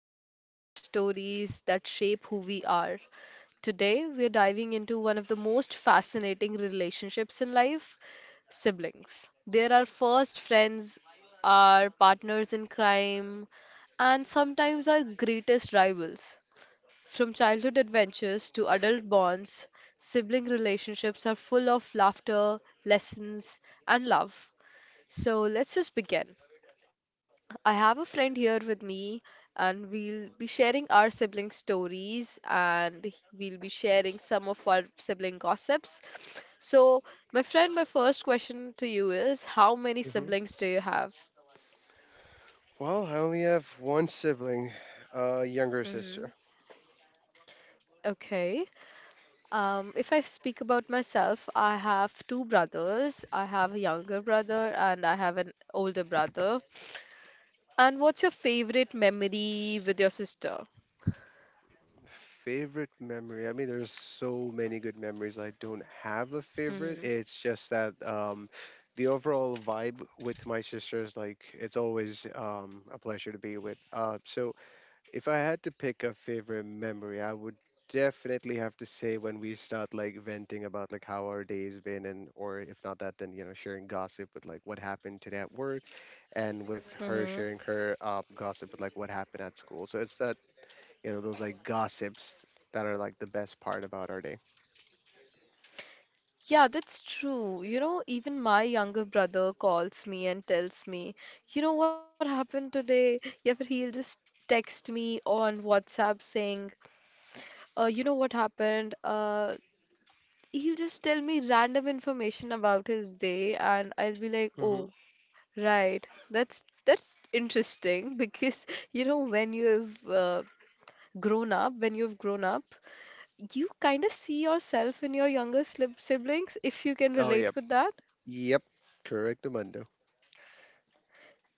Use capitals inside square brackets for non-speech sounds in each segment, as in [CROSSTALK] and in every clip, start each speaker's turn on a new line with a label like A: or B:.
A: we explore the stories that shape who we are. Today, we're diving into one of the most fascinating relationships in life: siblings. They're our first friends, our partners in crime, and sometimes our greatest rivals. From childhood adventures to adult bonds, sibling relationships are full of laughter, lessons, and love. So let's just begin. I have a friend here with me, and we'll be sharing our sibling stories and we'll be sharing some of our sibling gossips. So, my friend, my first question to you is: how many
B: hmm
A: siblings do you have?
B: Well, I only have one sibling, a younger
A: Hmm.
B: sister.
A: Okay. If I speak about myself, I have two brothers. I have a younger brother and I have an older brother. And what's your favorite memory with your sister?
B: Favorite memory? I mean, there's so many good memories. I don't have a favorite.
A: Hmm.
B: It's just that the overall vibe with my sister is like it's always a pleasure to be with. So if I had to pick a favorite memory, I would definitely have to say when we start like venting about like how our day's been and, or if not that, then you know, sharing gossip with like what happened today at work, and with her
A: Hmm.
B: sharing her gossip with like what happened at school. So it's that, you know, those like gossips that are like the best part about our day.
A: Yeah, that's true. You know, even my younger brother calls me and tells me, you know what happened today? Yeah, but he'll just text me on WhatsApp saying, you know what happened? He'll just tell me random information about his day, and I'll be like,
B: Hmm
A: oh, right. That's interesting [LAUGHS] because you know when you've grown up, you kind of see yourself in your younger siblings, if you can
B: Oh yep,
A: relate with that.
B: yep, correct, Amando.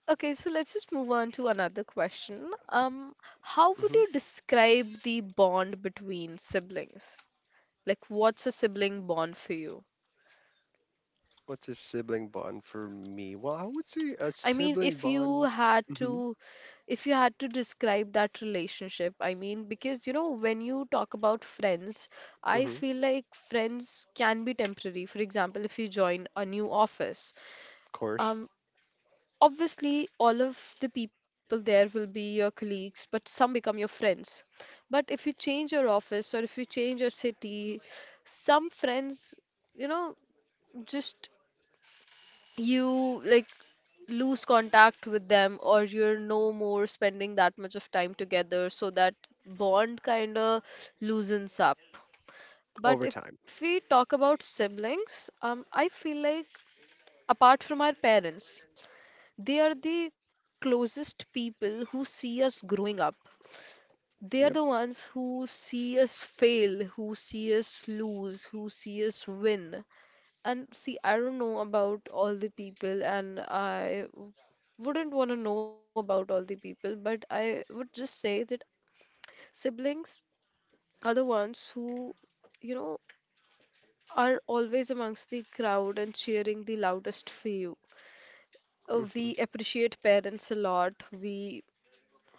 A: Okay, so let's just move on to another question. How would
B: Hmm
A: you describe the bond between siblings? Like, what's a sibling bond for you?
B: What's a sibling bond for me? Well, I would say a
A: I mean,
B: sibling bond. Hmm
A: if you had to describe that relationship, I mean, because you know, when you talk about friends, I
B: hmm Of
A: feel like friends can be temporary. For example, if you join a new office,
B: course,
A: um, obviously all of the people there will be your colleagues, but some become your friends. But if you change your office or if you change your city, some friends, you know just, you, like, lose contact with them, or you're no more spending that much of time together, so that bond kind of loosens up. But
B: over
A: if
B: time.
A: we talk about siblings, I feel like apart from our parents, they are the closest people who see us growing up. They are the
B: Yep.
A: ones who see us fail, who see us lose, who see us win. And see, I don't know about all the people, and I wouldn't want to know about all the people, but I would just say that siblings are the ones who, you know, are always amongst the crowd and cheering the loudest for you. Uh,
B: Mhm,
A: we appreciate parents a lot. We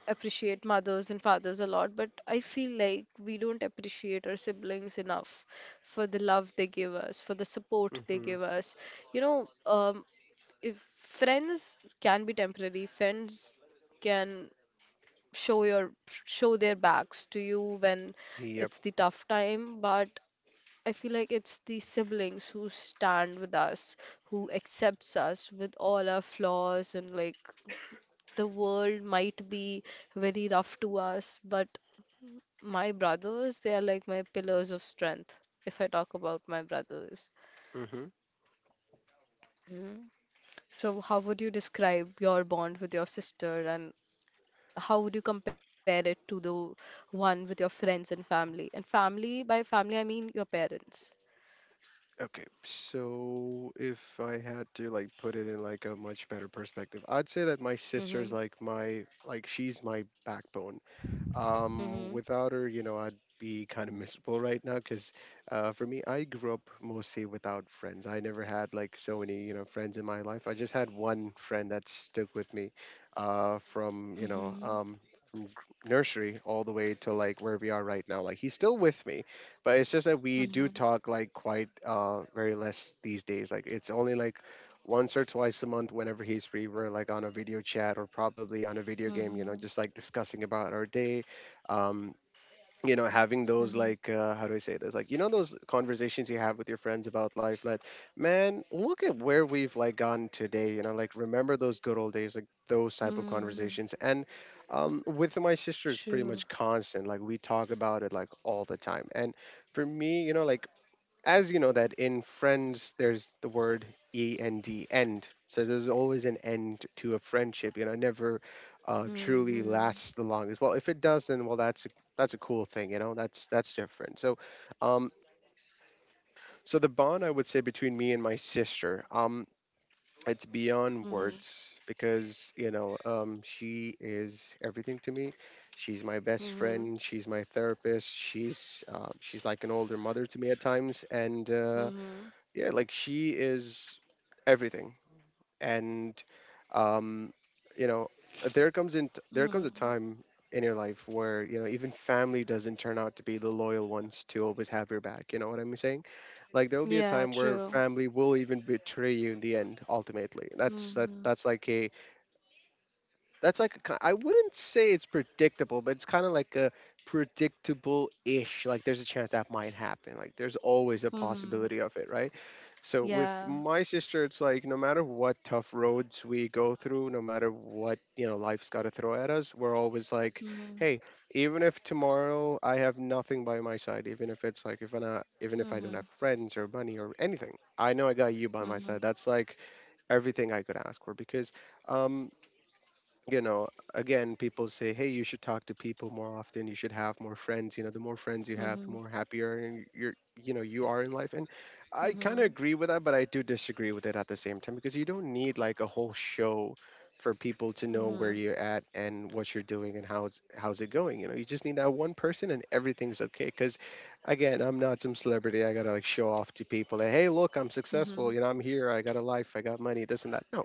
A: appreciate mothers and fathers a lot, but I feel like we don't appreciate our siblings enough for the love they give us, for the support they
B: mhm.
A: give us. You know, um, if friends can be temporary, friends can show your show their backs to you when
B: Yep.
A: it's the tough time, but I feel like it's the siblings who stand with us, who accepts us with all our flaws, and like the world might be very rough to us, but my brothers, they are like my pillars of strength, if I talk about my brothers.
B: Mhm.
A: So, how would you describe your bond with your sister, and how would you compare it to the one with your friends and family? And family, by family, I mean your parents.
B: Okay. So if I had to like put it in like a much better perspective, I'd say that my sister's
A: Mm-hmm.
B: like my, like, she's my backbone.
A: Mm-hmm.
B: Without her, you know, I'd be kind of miserable right now because for me, I grew up mostly without friends. I never had like so many, you know, friends in my life. I just had one friend that stuck with me from,
A: Mm-hmm.
B: from nursery all the way to like where we are right now. Like, he's still with me, but it's just that we do
A: Mm-hmm.
B: talk like quite very less these days. Like it's only like once or twice a month. Whenever he's free, we're like on a video chat or probably on a video
A: Mm-hmm.
B: game, you know, just like discussing about our day. um, you know, having those
A: Mm-hmm.
B: like how do I say this, like, you know, those conversations you have with your friends about life, like, man, look at where we've like gone today, you know, like, remember those good old days, like those type of
A: Mm-hmm.
B: conversations. And with my sister, it's pretty
A: True.
B: much constant. Like, we talk about it like all the time. And for me, you know, like, as you know, that in friends there's the word E N D, end, so there's always an end to a friendship, you know, it never truly
A: Mm-hmm.
B: lasts the longest. Well, if it does, then well, that's a cool thing, you know, that's different. So um so the bond I would say between me and my sister, it's beyond
A: Mm-hmm.
B: words, because, you know, she is everything to me. She's my best
A: Mm-hmm.
B: friend, she's my therapist, she's like an older mother to me at times. And
A: Mm-hmm.
B: yeah, like, she is everything. And um you know, there comes a time in your life where, you know, even family doesn't turn out to be the loyal ones to always have your back. You know what I'm saying? Like, there will be a
A: Yeah,
B: time where
A: true.
B: family will even betray you in the end. Ultimately,
A: Mm-hmm.
B: that's like a, that's like a ki I wouldn't say it's predictable, but it's kinda like a predictable-ish, like, there's a chance that might happen, like, there's always a
A: Mm-hmm.
B: possibility of it, right? So with
A: Yeah.
B: my sister, it's like, no matter what tough roads we go through, no matter what, you know, life's gotta throw at us, we're always like,
A: Mm-hmm.
B: "Hey, even if tomorrow I have nothing by my side, even if it's like, if I, not even if I don't
A: Mm-hmm.
B: have friends or money or anything, I know I got you by my
A: Mm-hmm.
B: side." That's like everything I could ask for, because um you know, again, people say, hey, you should talk to people more often. You should have more friends. You know, the more friends you have, the
A: Mm-hmm.
B: more happier and you're, you know, you are in life. And I kind of
A: Mm-hmm.
B: agree with that, but I do disagree with it at the same time, because you don't need like a whole show for people to know
A: Mm-hmm.
B: where
A: Mm-hmm.
B: you're at and what you're doing and how's it going. You know, you just need that one person and everything's okay. Because again, I'm not some celebrity. I gotta like show off to people that, hey, look, I'm
A: Mm-hmm.
B: successful. You know, I'm here. I got a life. I got money. This and that. No,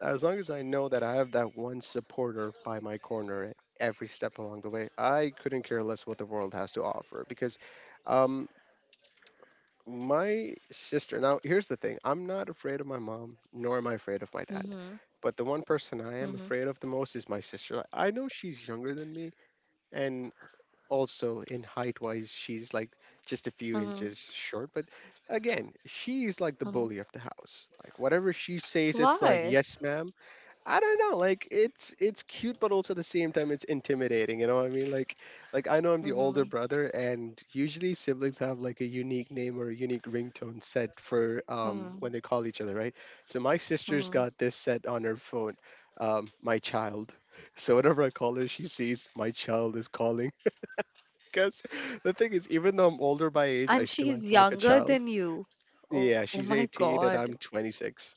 B: as long as I know that I have that one supporter by my corner at every step along the way, I couldn't care less what the world has to offer, because um, my sister. Now, here's the thing. I'm not afraid of my mom, nor am I afraid of my dad. But the one person I am
A: Mm-hmm.
B: afraid of the most is my sister. Like, I know she's younger than me, and also in height wise, she's like just a
A: Mm-hmm.
B: few inches short. But again, she's like the
A: Mm-hmm.
B: bully of the house. Like, whatever she says, it's like,
A: Why?
B: yes, ma'am. I don't know. Like, it's cute, but also at the same time it's intimidating. You know what I mean? Like, I know I'm the older
A: Mm-hmm.
B: brother, and usually siblings have like a unique name or a unique ringtone set for
A: Mm-hmm.
B: when they call each other, right? So my sister's
A: Mm-hmm.
B: got this set on her phone, my child. [LAUGHS] So whenever I call her, she sees my child is calling. [LAUGHS] Because the thing is, even though I'm older by age, I
A: And
B: still
A: she's
B: act like a
A: younger
B: child.
A: than you. Oh
B: Yeah,
A: my
B: she's
A: God.
B: 18 and I'm 26.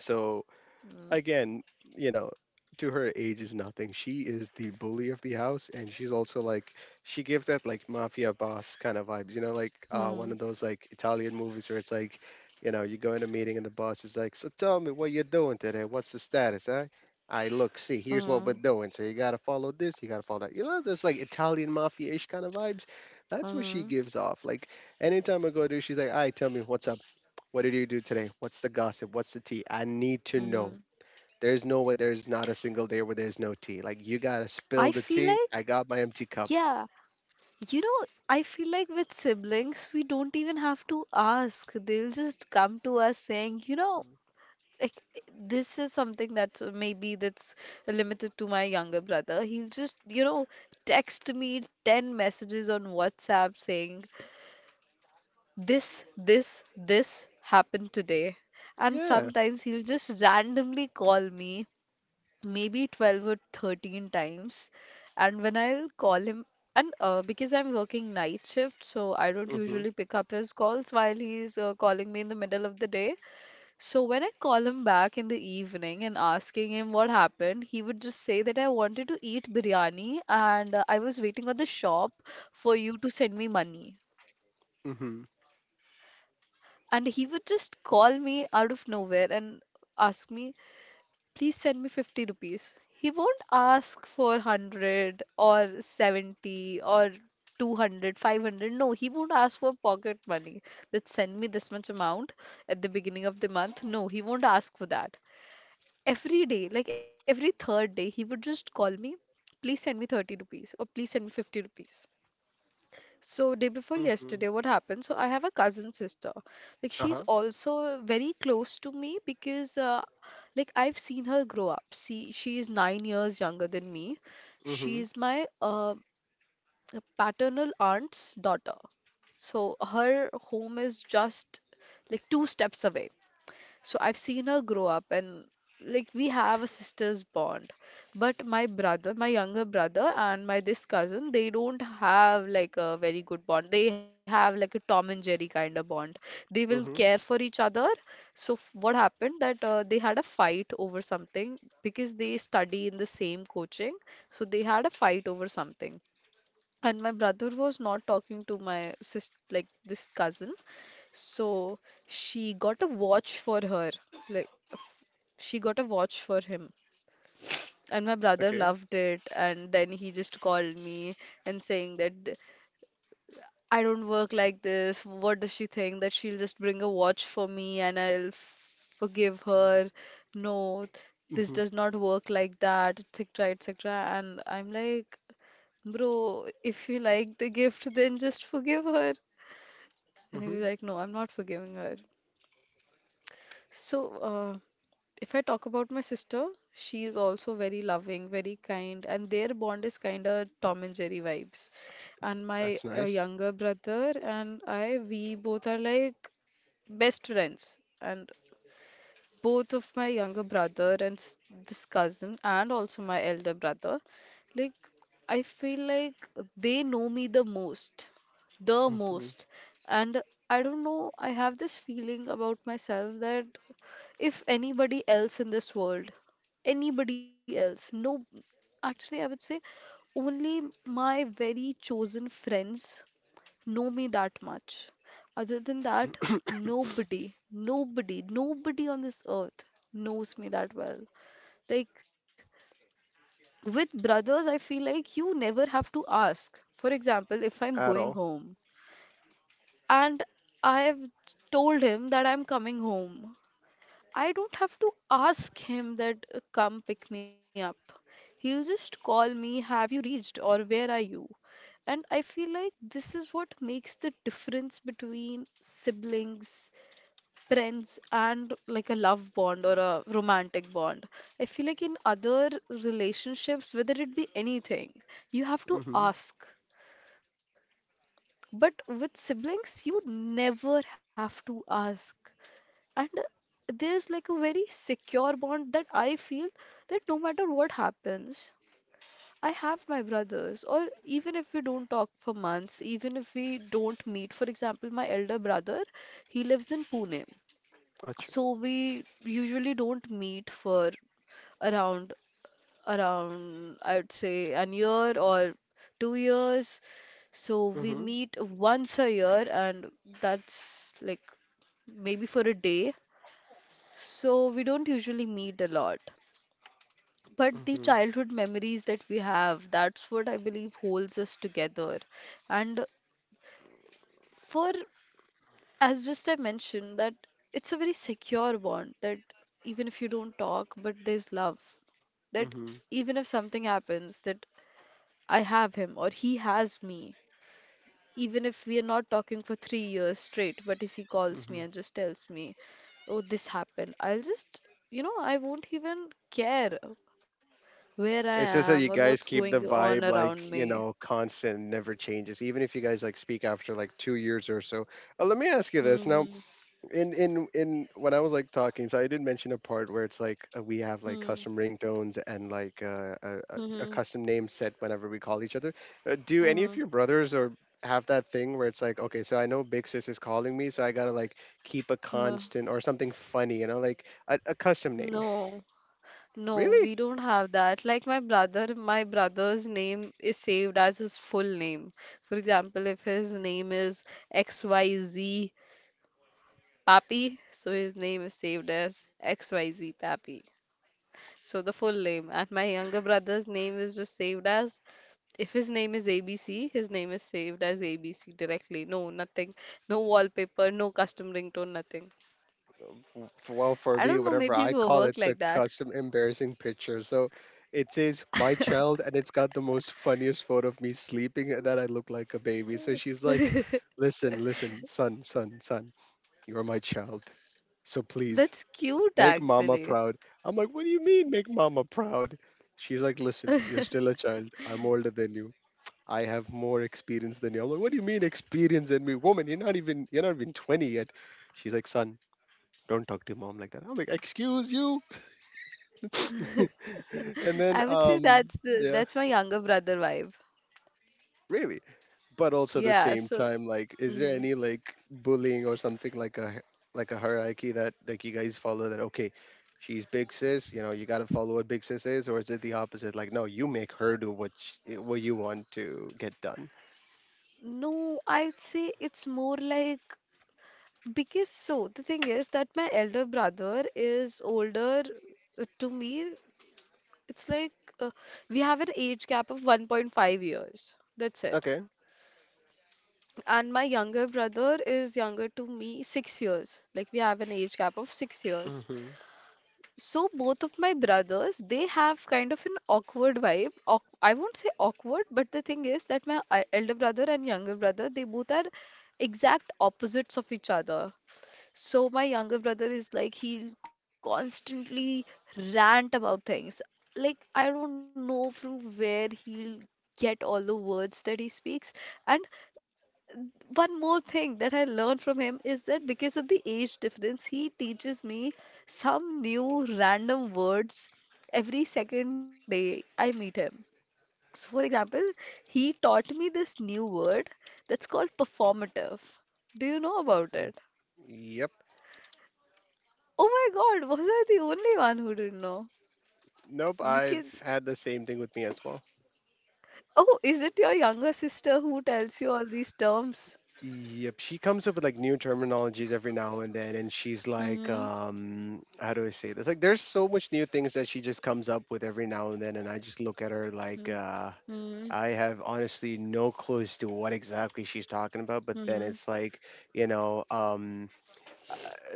B: So
A: Mm-hmm.
B: again, you know, to her age is nothing. She is the bully of the house, and she's also like, she gives that like mafia boss kind of vibes. You know, like one of those like Italian movies where it's like, you know, you go in a meeting and the boss is like, "So tell me what you're doing today. What's the status, eh?" I look, see, here's what we're
A: Mm-hmm.
B: doing. So you gotta follow this, you gotta follow that. You know, there's like Italian mafia-ish kind of vibes. That's what she
A: Mm-hmm.
B: gives off. Like, anytime I go to, she's like, "All right, tell me what's up. What did you do today? What's the gossip? What's the tea? I need to know.
A: Mm-hmm.
B: There's no way. There's not a single day where there's no tea. Like, you gotta
A: I
B: spill the
A: feel
B: tea.
A: like,
B: I got my empty cup."
A: yeah. You know, I feel like with siblings, we don't even have to ask. They'll just come to us saying, like this is something that's maybe that's limited to my younger brother. He'll just, text me 10 messages on WhatsApp saying, this happened today. And
B: Yeah.
A: sometimes he'll just randomly call me maybe 12 or 13 times, and when I'll call him, and because I'm working night shift, so I don't
B: Mhm.
A: usually pick up his calls while he's calling me in the middle of the day. So when I call him back in the evening and asking him what happened, he would just say that I wanted to eat biryani, and I was waiting at the shop for you to send me money.
B: Mhm.
A: And he would just call me out of nowhere and ask me, please send me 50 rupees. He won't ask for 100 or 70 or 200, 500. No, he won't ask for pocket money, that send me this much amount at the beginning of the month. No, he won't ask for that. Every day, like every third day, he would just call me, please send me 30 rupees or please send me 50 rupees. So day before yesterday,
B: Mhm.
A: what happened? So I have a cousin sister. Like
B: Uh
A: she's
B: huh.
A: also very close to me, because like I've seen her grow up. She is 9 years younger than me. She
B: Mhm.
A: is my paternal aunt's daughter. So her home is just like two steps away. So I've seen her grow up, and like we have a sister's bond. But my brother, my younger brother and my this cousin, they don't have like a very good bond. They have like a Tom and Jerry kind of bond. They will care
B: Mhm.
A: for each other. So what happened that they had a fight over something, because they study in the same coaching. So they had a fight over something, and my brother was not talking to my sis, like this cousin. So she got a watch for her, like she got a watch for him, and my brother
B: Okay.
A: loved it, and then he just called me and saying that, I don't work like this. What does she think, that she'll just bring a watch for me and I'll forgive her? No, this
B: Mhm.
A: does not work like that, etc., etc. And I'm like, bro, if you like the gift then just forgive her. And he was
B: Mhm.
A: like, no, I'm not forgiving her. So, if I talk about my sister, she is also very loving, very kind, and their bond is kind of Tom and Jerry vibes. And my
B: That's nice.
A: younger brother and I, we both are like best friends. And both of my younger brother and this cousin, and also my elder brother, like I feel like they know me the most, the
B: Mhm.
A: most. And I don't know, I have this feeling about myself that if anybody else in this world, anybody else, no, actually I would say only my very chosen friends know me that much. Other than that, nobody, nobody, nobody on this earth knows me that well. Like with brothers, I feel like you never have to ask. For example, if I'm
B: At
A: going
B: all.
A: home and I've told him that I'm coming home, I don't have to ask him that, come pick me up. He'll just call me, have you reached, or where are you? And I feel like this is what makes the difference between siblings, friends, and like a love bond or a romantic bond. I feel like in other relationships, whether it be anything, you have to
B: Mhm.
A: ask. But with siblings, you never have to ask, and there is like a very secure bond that I feel, that no matter what happens, I have my brothers, or even if we don't talk for months, even if we don't meet. For example, my elder brother, he lives in Pune,
B: Achoo.
A: so we usually don't meet for around around, I would say, an year or 2 years. So we
B: Mhm.
A: meet once a year, and that's like maybe for a day. So we don't usually meet a lot. But the
B: Mhm.
A: childhood memories that we have, that's what I believe holds us together. And for, as just I mentioned, that it's a very secure bond, that even if you don't talk, but there's love. That
B: Mhm.
A: even if something happens, that I have him or he has me. Even if we are not talking for 3 years straight, but if he calls me
B: Mhm.
A: and just tells me, oh, this happened, I'll just, I won't even care where I
B: It's
A: am or
B: just that you
A: what's
B: guys
A: going
B: keep the
A: on
B: vibe
A: around me.
B: like, you know, constant, never changes. Even if you guys like speak after like 2 years or so. Let me ask you this now.
A: Hmm.
B: In when I was like talking, so I did mention a part where it's like we have like
A: Hmm.
B: custom ringtones and like a
A: Hmm.
B: custom name set whenever we call each other. Do any of
A: Hmm.
B: your brothers or have that thing where it's like, okay, so I know Big Sis is calling me, so I gotta like keep a
A: Hmm.
B: constant or something funny, you know, like a custom name.
A: No. No,
B: Really?
A: we don't have that. Like my brother's name is saved as his full name. For example, if his name is XYZ Pappy, so his name is saved as XYZ Pappy. So the full name. And my younger brother's name is just saved as, if his name is ABC, his name is saved as ABC directly. No, nothing. No wallpaper, no custom ringtone, nothing.
B: Well, for
A: I
B: me,
A: don't know,
B: whatever
A: maybe
B: I
A: we'll
B: call,
A: work
B: it's a
A: like that.
B: custom embarrassing picture, so it says my child and it's got the most funniest photo of me sleeping, that I look like a baby, so she's like, listen, son, son, son, you're my child, so please
A: That's cute
B: make mama
A: actually.
B: proud. I'm like, what do you mean, make mama proud? She's like, listen, you're still a child, I'm older than you, I have more experience than you. I'm like, what do you mean experience than me, woman? You're not even 20 yet. She's like, son, don't talk to your mom like that. I'm like, excuse you. [LAUGHS] And then,
A: I would say that's the
B: yeah,
A: that's my younger brother vibe.
B: really. But also at the
A: Yeah,
B: same
A: so.
B: time, like, is there
A: Mhm.
B: any like bullying or something like a like a hierarchy that like you guys follow? That, okay, she's big sis. You know, you gotta follow what big sis is, or is it the opposite? Like, no, you make her do what what you want to get done.
A: No, I'd say it's more like, because so the thing is that my elder brother is older to me. It's like, uh, we have an age gap of 1.5 years. That's it.
B: Okay.
A: And my younger brother is younger to me 6 years. Like we have an age gap of 6 years.
B: Mm-hmm.
A: So both of my brothers, they have kind of an awkward vibe. Awk I won't say awkward, but the thing is that my elder brother and younger brother, they both are exact opposites of each other. So my younger brother is like, he'll constantly rant about things. Like I don't know from where he'll get all the words that he speaks. And one more thing that I learned from him is that because of the age difference, he teaches me some new random words every second day I meet him. So for example, he taught me this new word that's called performative. Do you know about it?
B: Yep.
A: Oh my God, was I the only one who didn't know?
B: Nope. I've
A: Because,
B: had the same thing with me as well.
A: oh, is it your younger sister who tells you all these terms?
B: Yep, she comes up with like new terminologies every now and then, and she's like,
A: Mm-hmm.
B: how do I say this? Like, there's so much new things that she just comes up with every now and then, and I just look at her like,
A: Mm-hmm.
B: I have honestly no clue as to what exactly she's talking about. But then
A: Mm-hmm.
B: it's like, you know,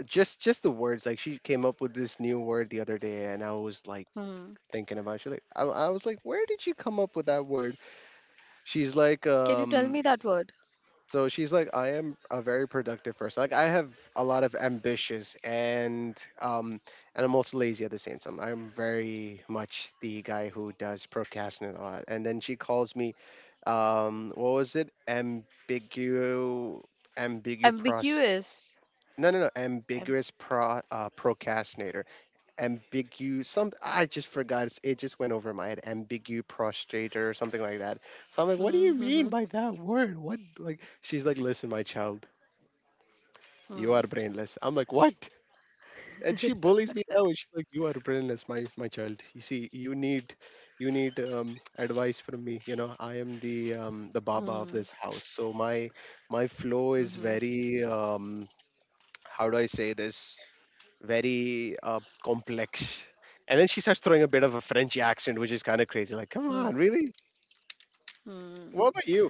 B: just the words. Like, she came up with this new word the other day, and I was like
A: Hmm.
B: thinking about it. She's like, I was like, where did you come up with that word? She's
A: Can
B: like,
A: you tell me that
B: um.
A: word?
B: So she's like, I am a very productive person. Like, I have a lot of ambitious and I'm also lazy at the same time. I'm very much the guy who does procrastinate a lot. And then she calls me, what was it? Ambiguous,
A: Ambiguous.
B: no no no,
A: Am-
B: ambiguous procrastinator, ambiguous some, I just forgot, it just went over my head, ambiguous prostrator or something like that. So I'm like,
A: mhm,
B: what do you
A: mhm,
B: mean by that word, what? Like, she's like, listen, my child,
A: hmm
B: you are brainless. I'm like, what? And she bullies me now, and she's like, you are brainless, my child, you see, you need, you need advice from me. You know, I am the
A: [LAUGHS]
B: baba of
A: hmm
B: this house, so my flow is
A: hmm
B: very how do I say this, very complex. And then she starts throwing a bit of a French accent, which is kind of crazy. Like, come
A: hmm
B: on, really?
A: hmm
B: What
A: [LAUGHS]
B: about you?